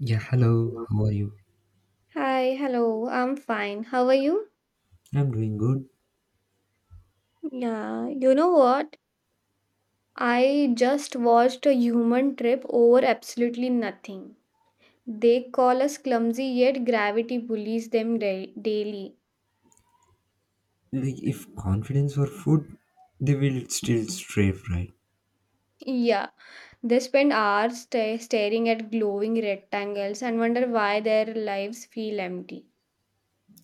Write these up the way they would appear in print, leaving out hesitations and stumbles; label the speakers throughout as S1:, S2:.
S1: Yeah, hello, how are you?
S2: Hi, hello. I'm fine. How are you?
S1: I'm doing good.
S2: Yeah, you know what? I just watched a human trip over absolutely nothing. They call us clumsy, yet gravity bullies them daily.
S1: Like, if confidence were food, they will still strive, right?
S2: Yeah, they spend hours staring at glowing rectangles and wonder why their lives feel empty.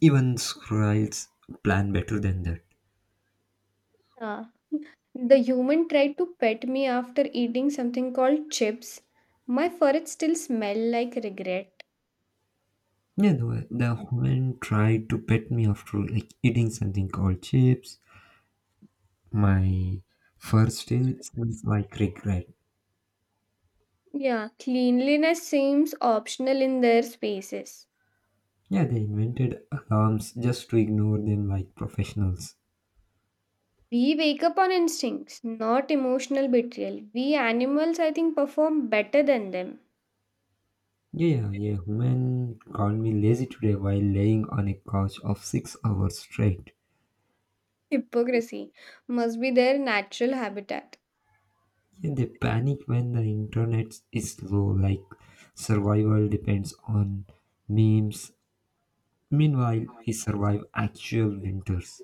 S1: Even squirrels plan better than that.
S2: Uh, the human tried to pet me after eating something called chips. My forehead still smell like regret.
S1: Yeah, the woman tried to pet me after like eating something called chips. My fur still smells like regret.
S2: Yeah, cleanliness seems optional in their spaces.
S1: Yeah, they invented alarms just to ignore them like professionals.
S2: We wake up on instincts, not emotional betrayal. We animals, I think, perform better than them.
S1: Yeah, yeah, woman called me lazy today while laying on a couch of 6 hours straight.
S2: Hypocrisy must be their natural habitat.
S1: And they panic when the internet is slow, like survival depends on memes. Meanwhile, we survive actual winters.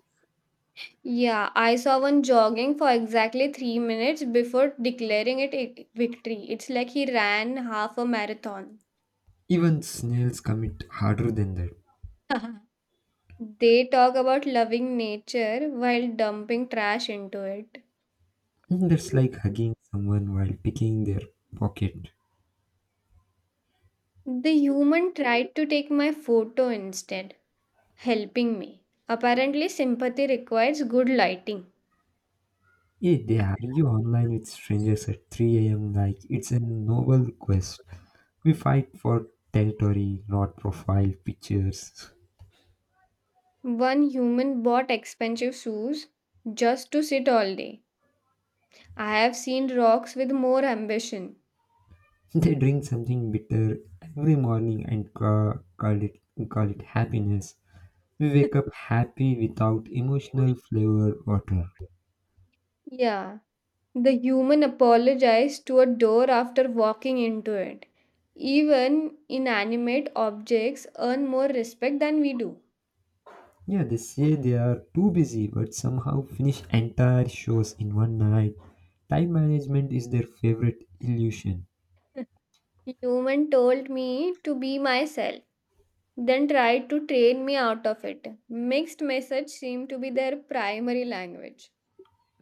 S2: Yeah, I saw one jogging for exactly 3 minutes before declaring it a victory. It's like he ran half a marathon.
S1: Even snails commit harder than that.
S2: They talk about loving nature while dumping trash into it.
S1: And that's like hugging someone while picking their pocket.
S2: The human tried to take my photo instead. Helping me. Apparently, sympathy requires good lighting.
S1: Yeah, they argue online with strangers at 3 a.m. like it's a noble quest. We fight for territory, not profile pictures.
S2: One human bought expensive shoes just to sit all day. I have seen rocks with more ambition.
S1: They drink something bitter every morning and call it happiness. We wake up happy without emotional flavor water.
S2: Yeah, the human apologized to a door after walking into it. Even inanimate objects earn more respect than we do.
S1: Yeah, they say they are too busy but somehow finish entire shows in one night. Time management is their favorite illusion.
S2: Human told me to be myself, then tried to train me out of it. Mixed message seemed to be their primary language.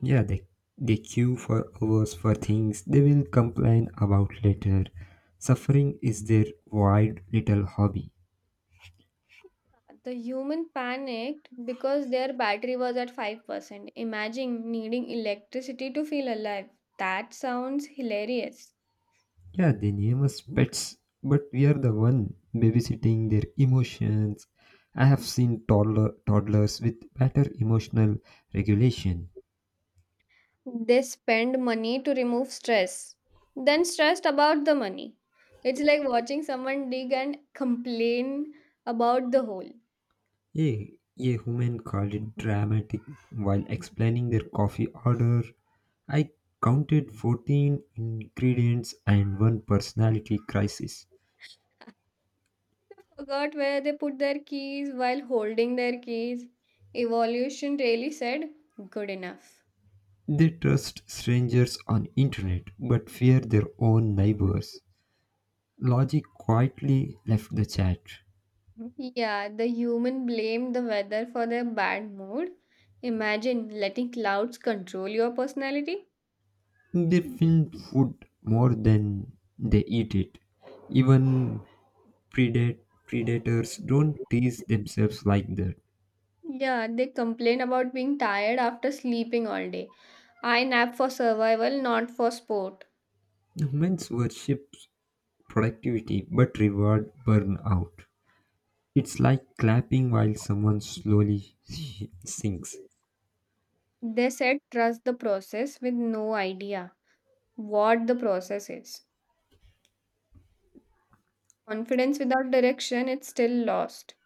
S1: Yeah, they queue for hours for things they will complain about later. Suffering is their wild little hobby.
S2: The human panicked because their battery was at 5%. Imagine needing electricity to feel alive. That sounds hilarious.
S1: Yeah, they name us pets, but we are the one babysitting their emotions. I have seen toddlers with better emotional regulation.
S2: They spend money to remove stress, then stressed about the money. It's like watching someone dig and complain about the hole.
S1: A woman called it dramatic while explaining their coffee order. I counted 14 ingredients and one personality crisis.
S2: Forgot where they put their keys while holding their keys. Evolution really said, good enough.
S1: They trust strangers on internet but fear their own neighbors. Logic quietly left the chat.
S2: Yeah, the human blame the weather for their bad mood. Imagine letting clouds control your personality.
S1: They film food more than they eat it. Even predat- predators don't tease themselves like that.
S2: Yeah, they complain about being tired after sleeping all day. I nap for survival, not for sport.
S1: Humans worship productivity but reward burnout. It's like clapping while someone slowly sinks.
S2: They said trust the process with no idea what the process is. Confidence without direction, it's still lost.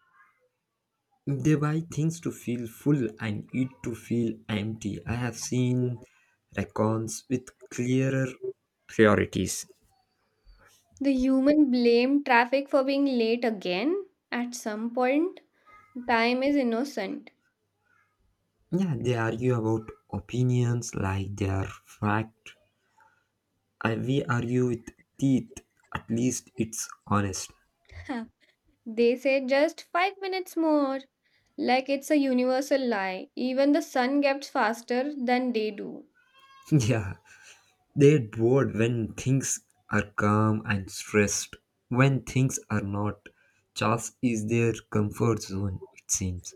S1: They buy things to feel full and eat to feel empty. I have seen raccoons with clearer priorities.
S2: The human blame traffic for being late again. At some point, time is innocent.
S1: Yeah, they argue about opinions like they are fact. I, we argue with teeth. At least it's honest.
S2: They say just 5 minutes more. Like it's a universal lie. Even the sun gets faster than they do.
S1: Yeah, they're bored when things are calm and stressed. When things are not, Charles is their comfort zone, it seems.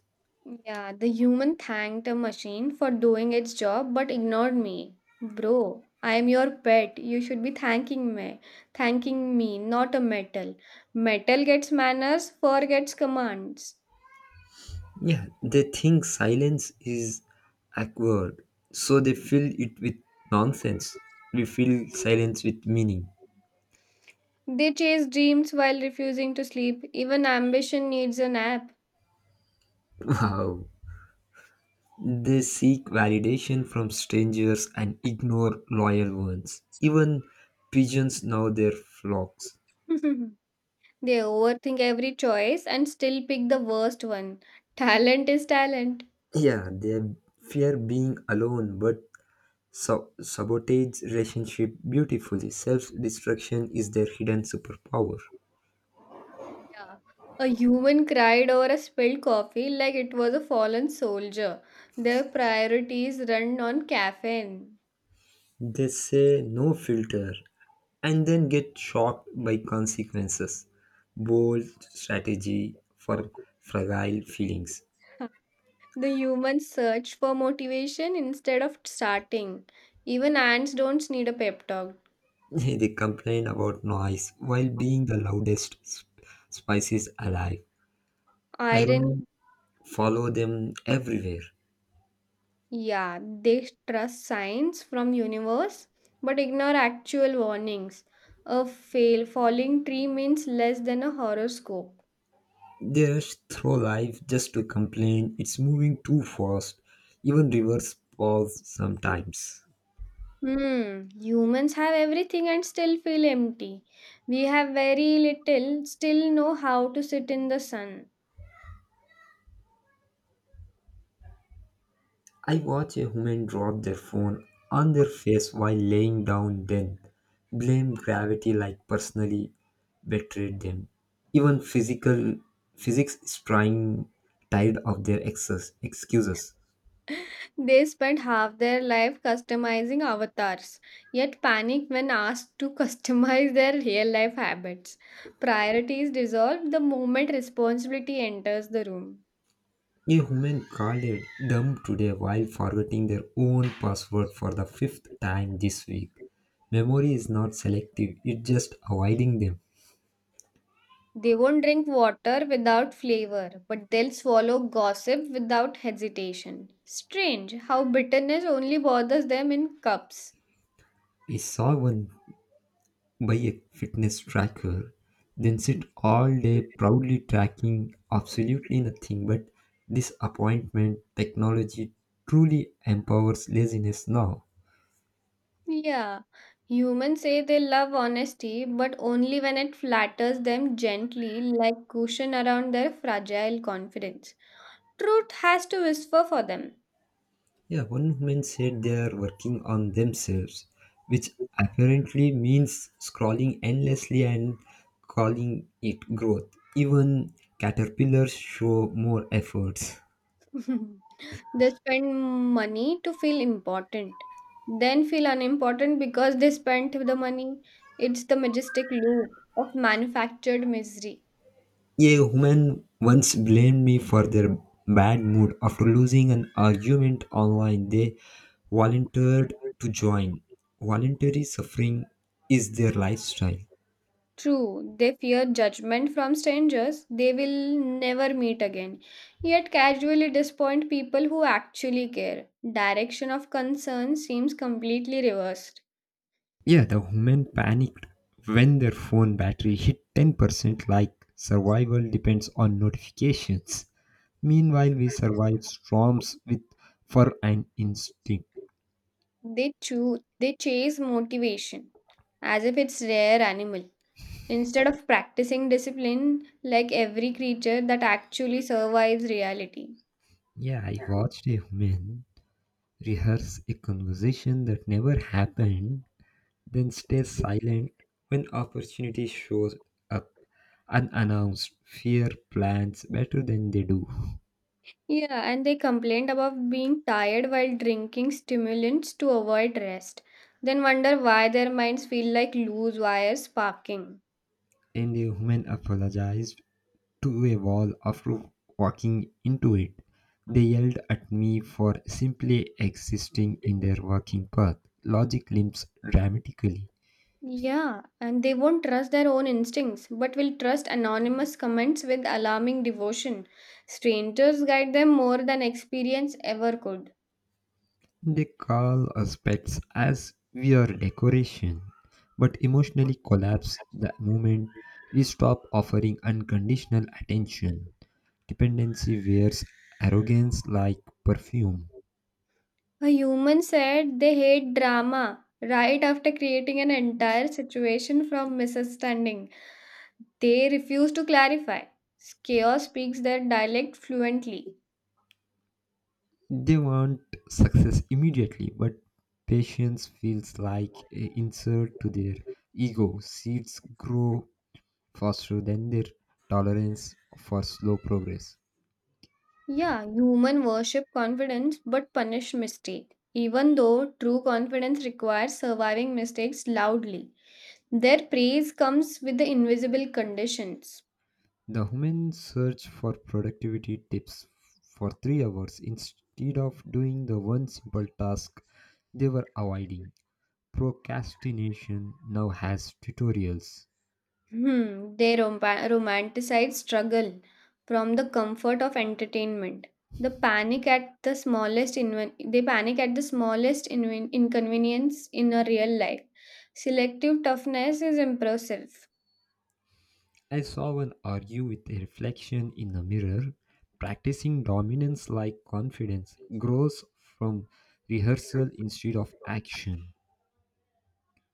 S2: Yeah, the human thanked a machine for doing its job but ignored me. Bro, I am your pet. You should be thanking me. Thanking me, not a metal. Metal gets manners, fur gets commands.
S1: Yeah, they think silence is awkward, so they fill it with nonsense. We fill silence with meaning.
S2: They chase dreams while refusing to sleep. Even ambition needs a nap.
S1: Wow. They seek validation from strangers and ignore loyal ones. Even pigeons know their flocks.
S2: They overthink every choice and still pick the worst one. Talent is talent.
S1: Yeah, they fear being alone, but sabotage relationship beautifully. Self destruction is their hidden superpower.
S2: Yeah. A human cried over a spilled coffee like it was a fallen soldier. Their priorities run on caffeine.
S1: They say no filter and then get shocked by consequences. Bold strategy for fragile feelings.
S2: The humans search for motivation instead of starting. Even ants don't need a pep talk.
S1: They complain about noise while being the loudest species alive. Irony
S2: Iron.
S1: follow them everywhere.
S2: Yeah, they trust signs from universe but ignore actual warnings. A fail falling tree means less than a horoscope.
S1: They rush through life just to complain it's moving too fast. Even rivers pause sometimes.
S2: Hmm, humans have everything and still feel empty. We have very little, still know how to sit in the sun.
S1: I watch a woman drop their phone on their face while laying down, then blame gravity like personally betrayed them. Even physical physics is trying tired of their excuses.
S2: They spend half their life customizing avatars, yet panic when asked to customize their real life habits. Priorities dissolve the moment responsibility enters the room.
S1: A woman called a dump today while forgetting their own password for the fifth time this week. Memory is not selective, it's just avoiding them.
S2: They won't drink water without flavor, but they'll swallow gossip without hesitation. Strange how bitterness only bothers them in cups.
S1: I saw one by a fitness tracker, then sit all day proudly tracking absolutely nothing but this appointment technology truly empowers laziness now.
S2: Yeah, humans say they love honesty, but only when it flatters them gently, like cushion around their fragile confidence. Truth has to whisper for them.
S1: Yeah, one woman said they are working on themselves, which apparently means scrolling endlessly and calling it growth. Even caterpillars show more efforts.
S2: They spend money to feel important, then feel unimportant because they spent the money. It's the majestic loop of manufactured misery.
S1: A woman once blamed me for their bad mood after losing an argument online. They volunteered to join. Voluntary suffering is their lifestyle.
S2: True, they fear judgment from strangers they will never meet again, yet casually disappoint people who actually care. Direction of concern seems completely reversed.
S1: Yeah, the woman panicked when their phone battery hit 10%, like survival depends on notifications. Meanwhile, we survive storms with fur and instinct.
S2: They chase motivation as if it's rare animal instead of practicing discipline like every creature that actually survives reality.
S1: Yeah, I watched a woman rehearse a conversation that never happened, then stay silent when opportunity shows up unannounced. Fear plans better than they do.
S2: Yeah, and they complained about being tired while drinking stimulants to avoid rest, then wonder why their minds feel like loose wires sparking.
S1: And the woman apologized to a wall after walking into it. They yelled at me for simply existing in their walking path. Logic limps dramatically.
S2: Yeah, and they won't trust their own instincts, but will trust anonymous comments with alarming devotion. Strangers guide them more than experience ever could.
S1: They call us pets as we are decoration, but emotionally collapse the moment we stop offering unconditional attention. Dependency wears arrogance like perfume.
S2: A human said they hate drama right after creating an entire situation from misunderstanding. They refuse to clarify. Chaos speaks their dialect fluently.
S1: They want success immediately, but patience feels like a insult to their ego. Seeds grow faster than their tolerance for slow progress.
S2: Yeah, human worship confidence but punish mistake. Even though true confidence requires surviving mistakes loudly, their praise comes with the invisible conditions.
S1: The human search for productivity tips for three hours instead of doing the one simple task they were avoiding. Procrastination now has tutorials.
S2: Hmm, they romanticize struggle from the comfort of entertainment. They panic at the smallest inconvenience in a real life. Selective toughness is impressive.
S1: I saw one argue with a reflection in a mirror. Practicing dominance like confidence grows from rehearsal instead of action.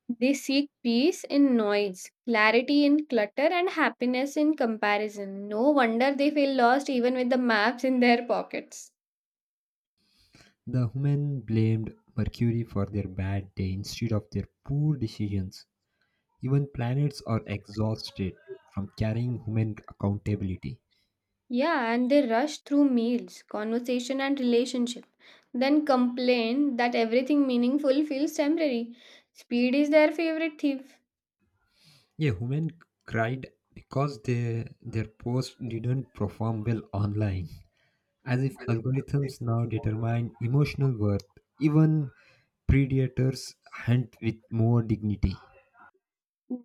S2: They seek peace in noise, clarity in clutter, and happiness in comparison. No wonder they feel lost even with the maps in their pockets.
S1: The women blamed Mercury for their bad day instead of their poor decisions. Even planets are exhausted from carrying human accountability.
S2: Yeah, and they rush through meals, conversation, and relationship, then complain that everything meaningful feels temporary. Speed is their favorite thief.
S1: Yeah, women cried because their post didn't perform well online, as if algorithms now determine emotional worth. Even predators hunt with more dignity.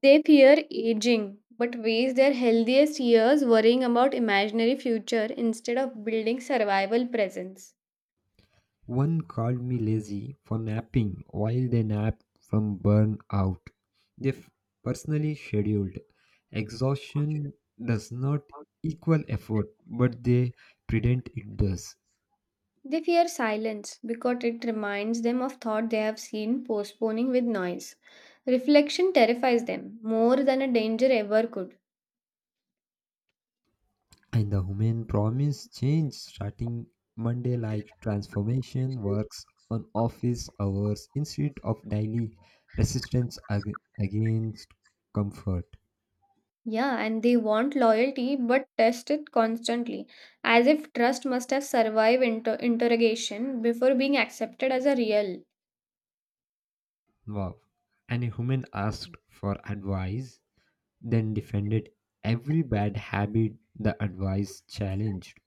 S2: They fear aging, but waste their healthiest years worrying about imaginary future instead of building survival presence.
S1: One called me lazy for napping while they nap from burnout. They f- Personally scheduled. Exhaustion does not equal effort, but they pretend it does.
S2: They fear silence because it reminds them of thought they have seen postponing with noise. Reflection terrifies them more than a danger ever could.
S1: And the human promise change starting Monday like transformation works on office hours instead of daily resistance against comfort.
S2: Yeah, and they want loyalty but test it constantly, as if trust must have survived interrogation before being accepted as a real.
S1: Wow. And a human asked for advice, then defended every bad habit the advice challenged.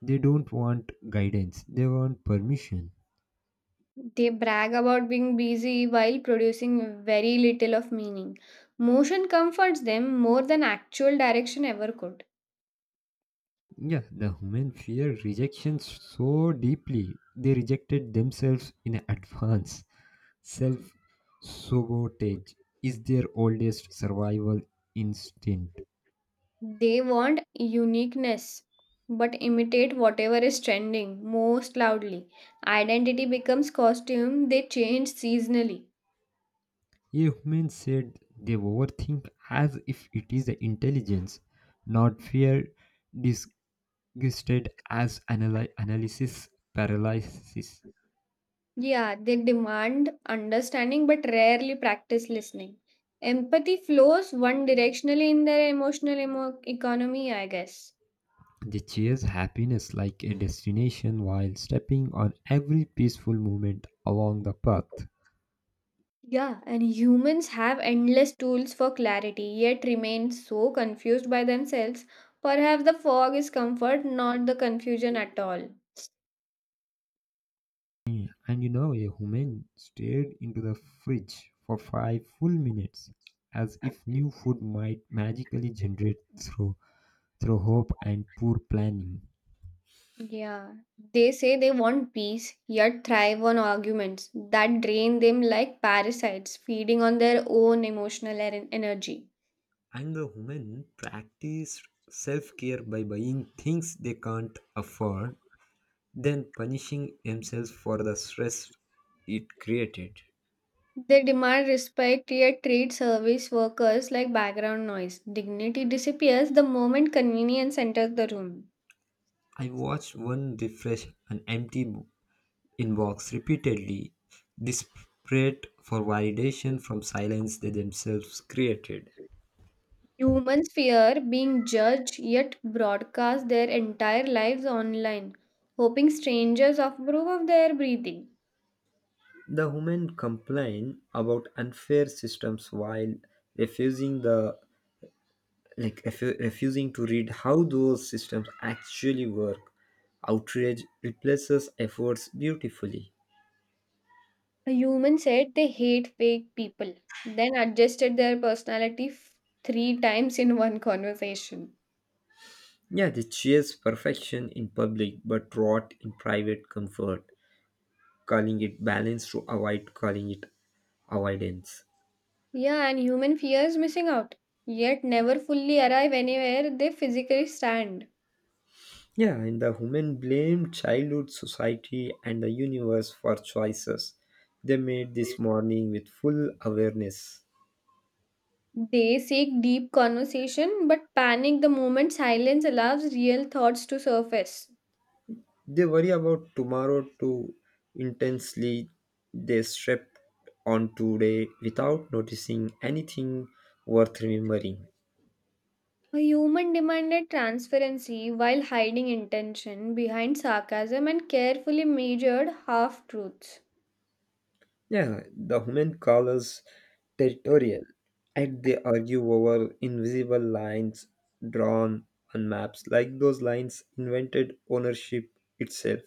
S1: They don't want guidance, they want permission.
S2: They brag about being busy while producing very little of meaning. Motion comforts them more than actual direction ever could.
S1: Yeah, the human fear rejection so deeply, they rejected themselves in advance. Self sabotage is their oldest survival instinct.
S2: They want uniqueness but imitate whatever is trending most loudly. Identity becomes costume, they change seasonally.
S1: Humans said they overthink as if it is the intelligence, not fear, disgusted as analysis paralysis.
S2: Yeah, they demand understanding but rarely practice listening. Empathy flows one directionally in their emotional economy, I guess.
S1: They chase happiness like a destination while stepping on every peaceful moment along the path.
S2: Yeah, and humans have endless tools for clarity, yet remain so confused by themselves. Perhaps the fog is comfort, not the confusion at all.
S1: And you know, a woman stared into the fridge for 5 full minutes, as if new food might magically generate through hope and poor planning.
S2: Yeah, they say they want peace, yet thrive on arguments that drain them like parasites, feeding on their own emotional energy.
S1: And the woman practiced self-care by buying things they can't afford, then punishing themselves for the stress it created.
S2: They demand respect yet treat service workers like background noise. Dignity disappears the moment convenience enters the room.
S1: I watched one refresh an empty invokes repeatedly, desperate for validation from silence they themselves created.
S2: Humans fear being judged yet broadcast their entire lives online, hoping strangers approve of their breathing.
S1: The women complain about unfair systems while refusing the refusing to read how those systems actually work. Outrage replaces efforts beautifully.
S2: A human said they hate fake people, then adjusted their personality three times in one conversation.
S1: Yeah, they chase perfection in public but rot in private comfort, calling it balance to avoid calling it avoidance.
S2: Yeah, and human fears missing out, yet never fully arrive anywhere they physically stand.
S1: Yeah, and the women blamed childhood, society, and the universe for choices they made this morning with full awareness.
S2: They seek deep conversation but panic the moment silence allows real thoughts to surface.
S1: They worry about tomorrow too intensely. They slept on today without noticing anything worth remembering.
S2: A human demanded transparency while hiding intention behind sarcasm and carefully measured half truths.
S1: Yeah, the women call us territorial, and they argue over invisible lines drawn on maps, like those lines invented ownership itself.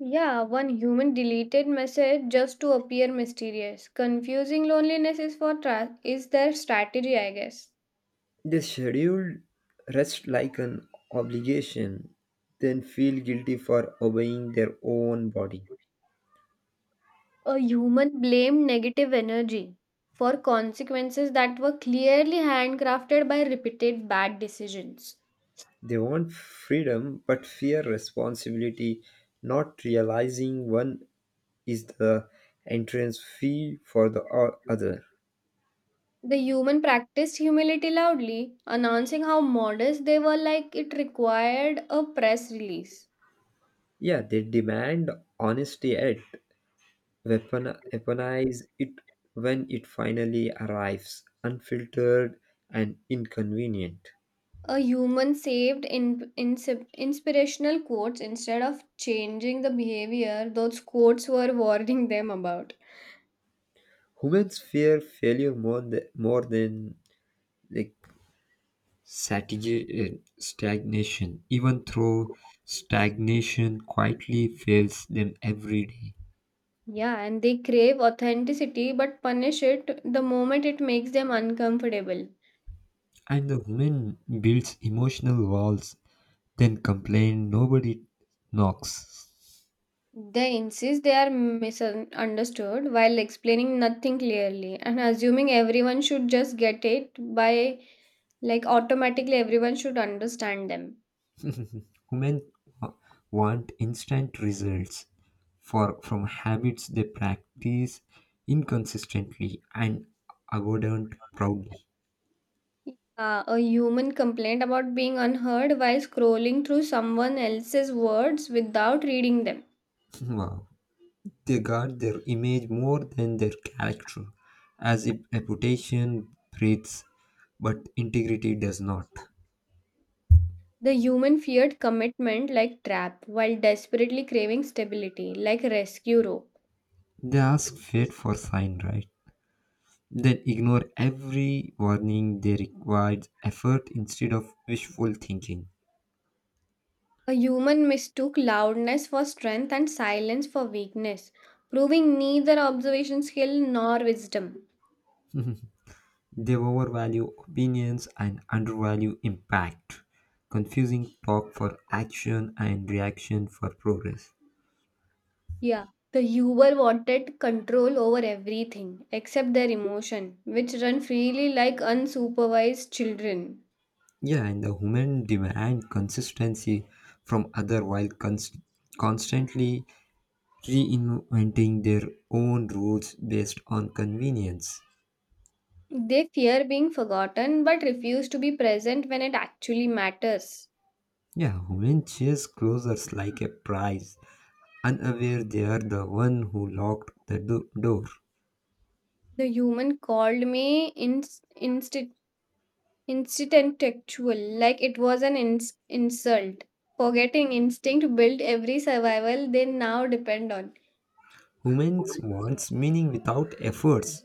S2: Yeah, one human deleted message just to appear mysterious. Confusing loneliness is their strategy, I guess.
S1: They schedule rest like an obligation, then feel guilty for obeying their own body.
S2: A human blamed negative energy for consequences that were clearly handcrafted by repeated bad decisions.
S1: They want freedom but fear responsibility, not realizing one is the entrance fee for the other.
S2: The human practiced humility loudly, announcing how modest they were like it required a press release.
S1: Yeah, they demand honesty yet weaponize it when it finally arrives, unfiltered and inconvenient.
S2: A human saved inspirational quotes instead of changing the behavior those quotes were warning them about.
S1: Humans fear failure more than like stagnation, even though stagnation quietly fails them every day.
S2: Yeah, and they crave authenticity but punish it the moment it makes them uncomfortable.
S1: And the woman builds emotional walls, then complain nobody knocks.
S2: They insist they are misunderstood while explaining nothing clearly and assuming everyone should just get it by like automatically everyone should understand them.
S1: Women wa- want instant results for from habits they practice inconsistently and avoidant proudly.
S2: A human complaint about being unheard while scrolling through someone else's words without reading them.
S1: Wow. They guard their image more than their character, as if reputation breathes but integrity does not.
S2: The human feared commitment like trap while desperately craving stability like rescue rope.
S1: They ask fate for sign, right? Then ignore every warning they require effort instead of wishful thinking.
S2: A human mistook loudness for strength and silence for weakness, proving neither observation skill nor wisdom.
S1: They overvalue opinions and undervalue impact, confusing talk for action and reaction for progress.
S2: Yeah, the Uber wanted control over everything except their emotion, which run freely like unsupervised children.
S1: Yeah, and the human demand consistency from other while constantly reinventing their own rules based on convenience.
S2: They fear being forgotten but refuse to be present when it actually matters.
S1: Yeah, women chase closers like a prize, unaware they are the one who locked the door.
S2: The human called me Instinctual, like it was an insult. Forgetting instinct built every survival they now depend on.
S1: Women wants meaning without efforts,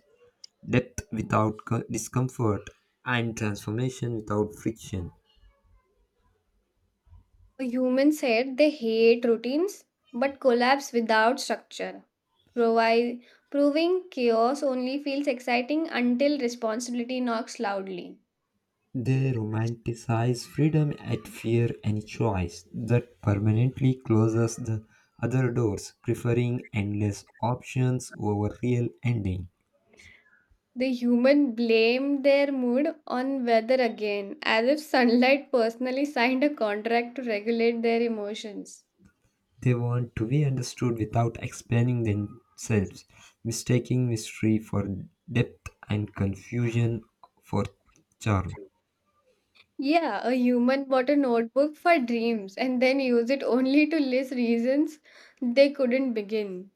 S1: depth without discomfort, and transformation without friction.
S2: Humans said they hate routines but collapse without structure. Provi- Proving chaos only feels exciting until responsibility knocks loudly.
S1: They romanticize freedom at fear and choice that permanently closes the other doors, preferring endless options over real ending.
S2: The human blamed their mood on weather again, as if sunlight personally signed a contract to regulate their emotions.
S1: They want to be understood without explaining themselves, mistaking mystery for depth and confusion for charm.
S2: Yeah, a human bought a notebook for dreams and then used it only to list reasons they couldn't begin.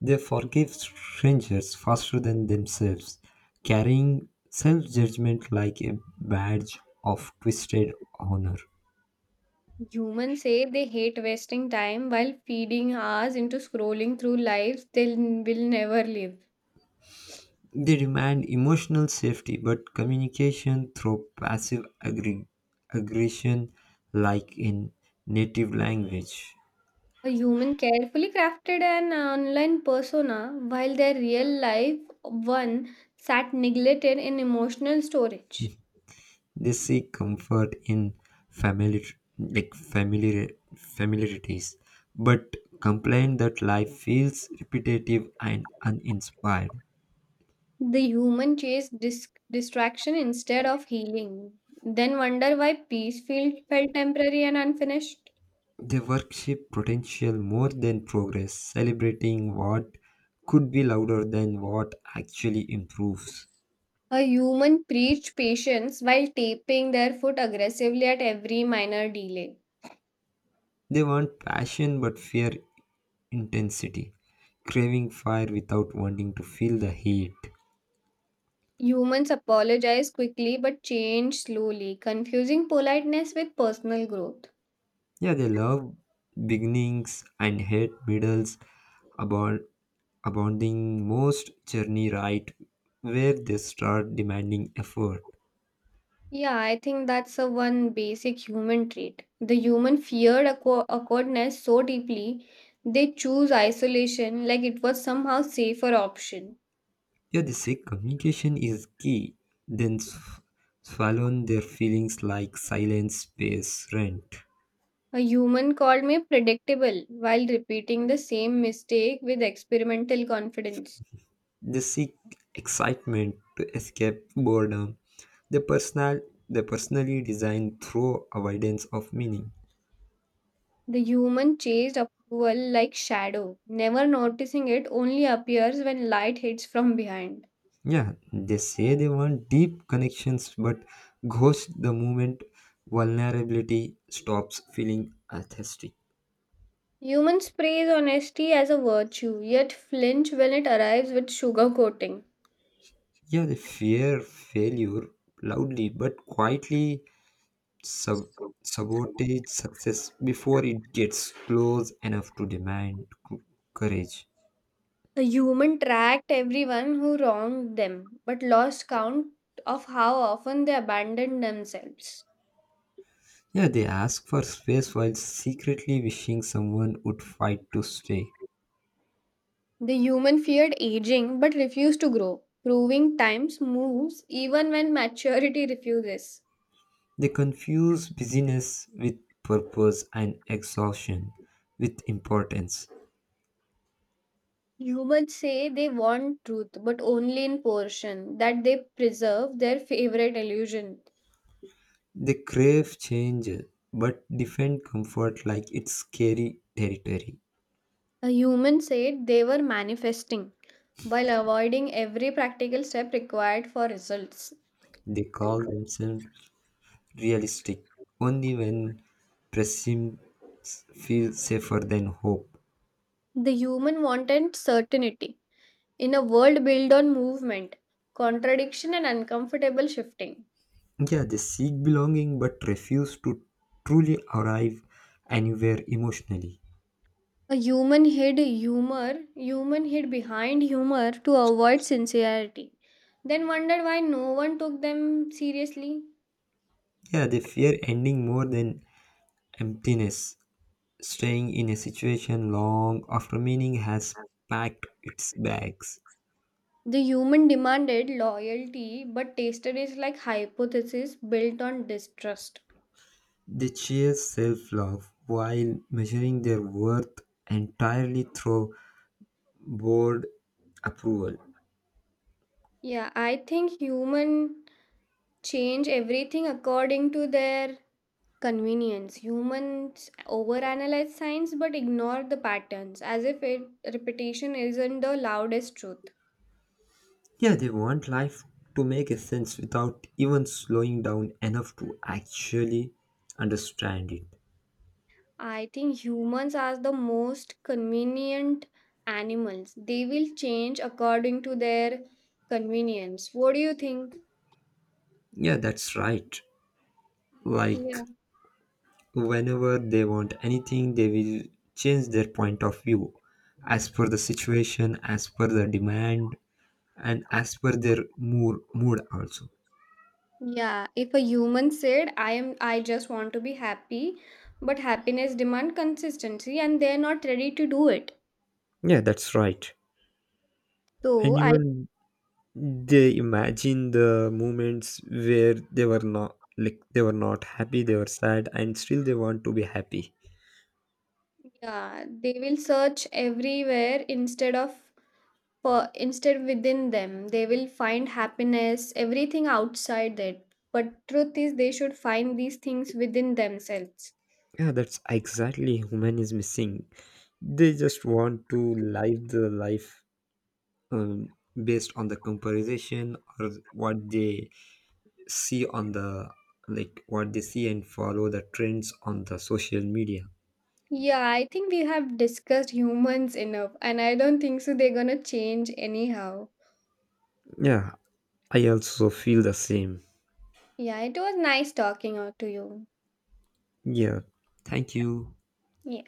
S1: They forgive strangers faster than themselves, carrying self judgment like a badge of twisted honor.
S2: Humans say they hate wasting time while feeding hours into scrolling through lives they will never live.
S1: They demand emotional safety, but communication through aggression, like in native language.
S2: A human carefully crafted an online persona while their real life one sat neglected in emotional storage.
S1: They seek comfort in family, like familiarities, but complain that life feels repetitive and uninspired.
S2: The human chase distraction instead of healing. Then wonder why peace felt temporary and unfinished.
S1: They worship potential more than progress, celebrating what could be louder than what actually improves.
S2: A human preached patience while taping their foot aggressively at every minor delay.
S1: They want passion but fear intensity, craving fire without wanting to feel the heat.
S2: Humans apologize quickly but change slowly, confusing politeness with personal growth.
S1: Yeah, they love beginnings and hate middles, about abounding most journey right where they start demanding effort.
S2: Yeah, I think that's a one basic human trait. The human feared awkwardness so deeply, they choose isolation like it was somehow safer option.
S1: Yeah, they say communication is key, then swallow their feelings like silent space rent.
S2: A human called me predictable while repeating the same mistake with experimental confidence.
S1: They seek excitement to escape boredom. The personal they personally design through avoidance of meaning.
S2: The human chased approval like shadow, never noticing it only appears when light hits from behind.
S1: Yeah, they say they want deep connections but ghost the moment vulnerability stops feeling authentic.
S2: Humans praise honesty as a virtue, yet flinch when it arrives with sugar coating.
S1: Yeah, they fear failure loudly but quietly sub- sabotage success before it gets close enough to demand c- courage.
S2: The human tracked everyone who wronged them, but lost count of how often they abandoned themselves.
S1: Yeah, they ask for space while secretly wishing someone would fight to stay.
S2: The human feared aging but refused to grow, proving times moves even when maturity refuses.
S1: They confuse busyness with purpose and exhaustion with importance.
S2: Humans say they want truth but only in portion, that they preserve their favorite illusion.
S1: They crave change but defend comfort like it's scary territory.
S2: A human said they were manifesting while avoiding every practical step required for results.
S1: They call themselves realistic only when pessimism feels safer than hope.
S2: The human wanted certainty in a world built on movement, contradiction, and uncomfortable shifting.
S1: Yeah, they seek belonging but refuse to truly arrive anywhere emotionally.
S2: A human hid behind humor to avoid sincerity, then wondered why no one took them seriously.
S1: Yeah, they fear ending more than emptiness, staying in a situation long after meaning has packed its bags.
S2: The human demanded loyalty but tasted it like hypothesis built on distrust.
S1: They chase self love while measuring their worth entirely through bored approval.
S2: Yeah, I think human change everything according to their convenience. Humans overanalyze science but ignore the patterns as if it, repetition isn't the loudest truth.
S1: Yeah, they want life to make a sense without even slowing down enough to actually understand it.
S2: I think humans are the most convenient animals. They will change according to their convenience. What do you think?
S1: Yeah, that's right. Like,
S2: Yeah.
S1: whenever they want anything, they will change their point of view as per the situation, as per the demand, and as per their mood also.
S2: Yeah, if a human said I am I just want to be happy, but happiness demand consistency and they're not ready to do it.
S1: Yeah, that's right. And
S2: So I
S1: even they imagine the moments where they were not happy, they were sad, and still they want to be happy.
S2: yeah, they will search everywhere instead of for instead within them they will find happiness everything outside it, but truth is they should find these things within themselves.
S1: Yeah, that's exactly human is missing. They just want to live the life um, based on the comparison or what they see on the like what they see and follow the trends on the social media.
S2: Yeah, I think we have discussed humans enough and I don't think so they're gonna change anyhow.
S1: Yeah, I also feel the same.
S2: Yeah, it was nice talking out to you.
S1: Yeah, thank you.
S2: Yeah.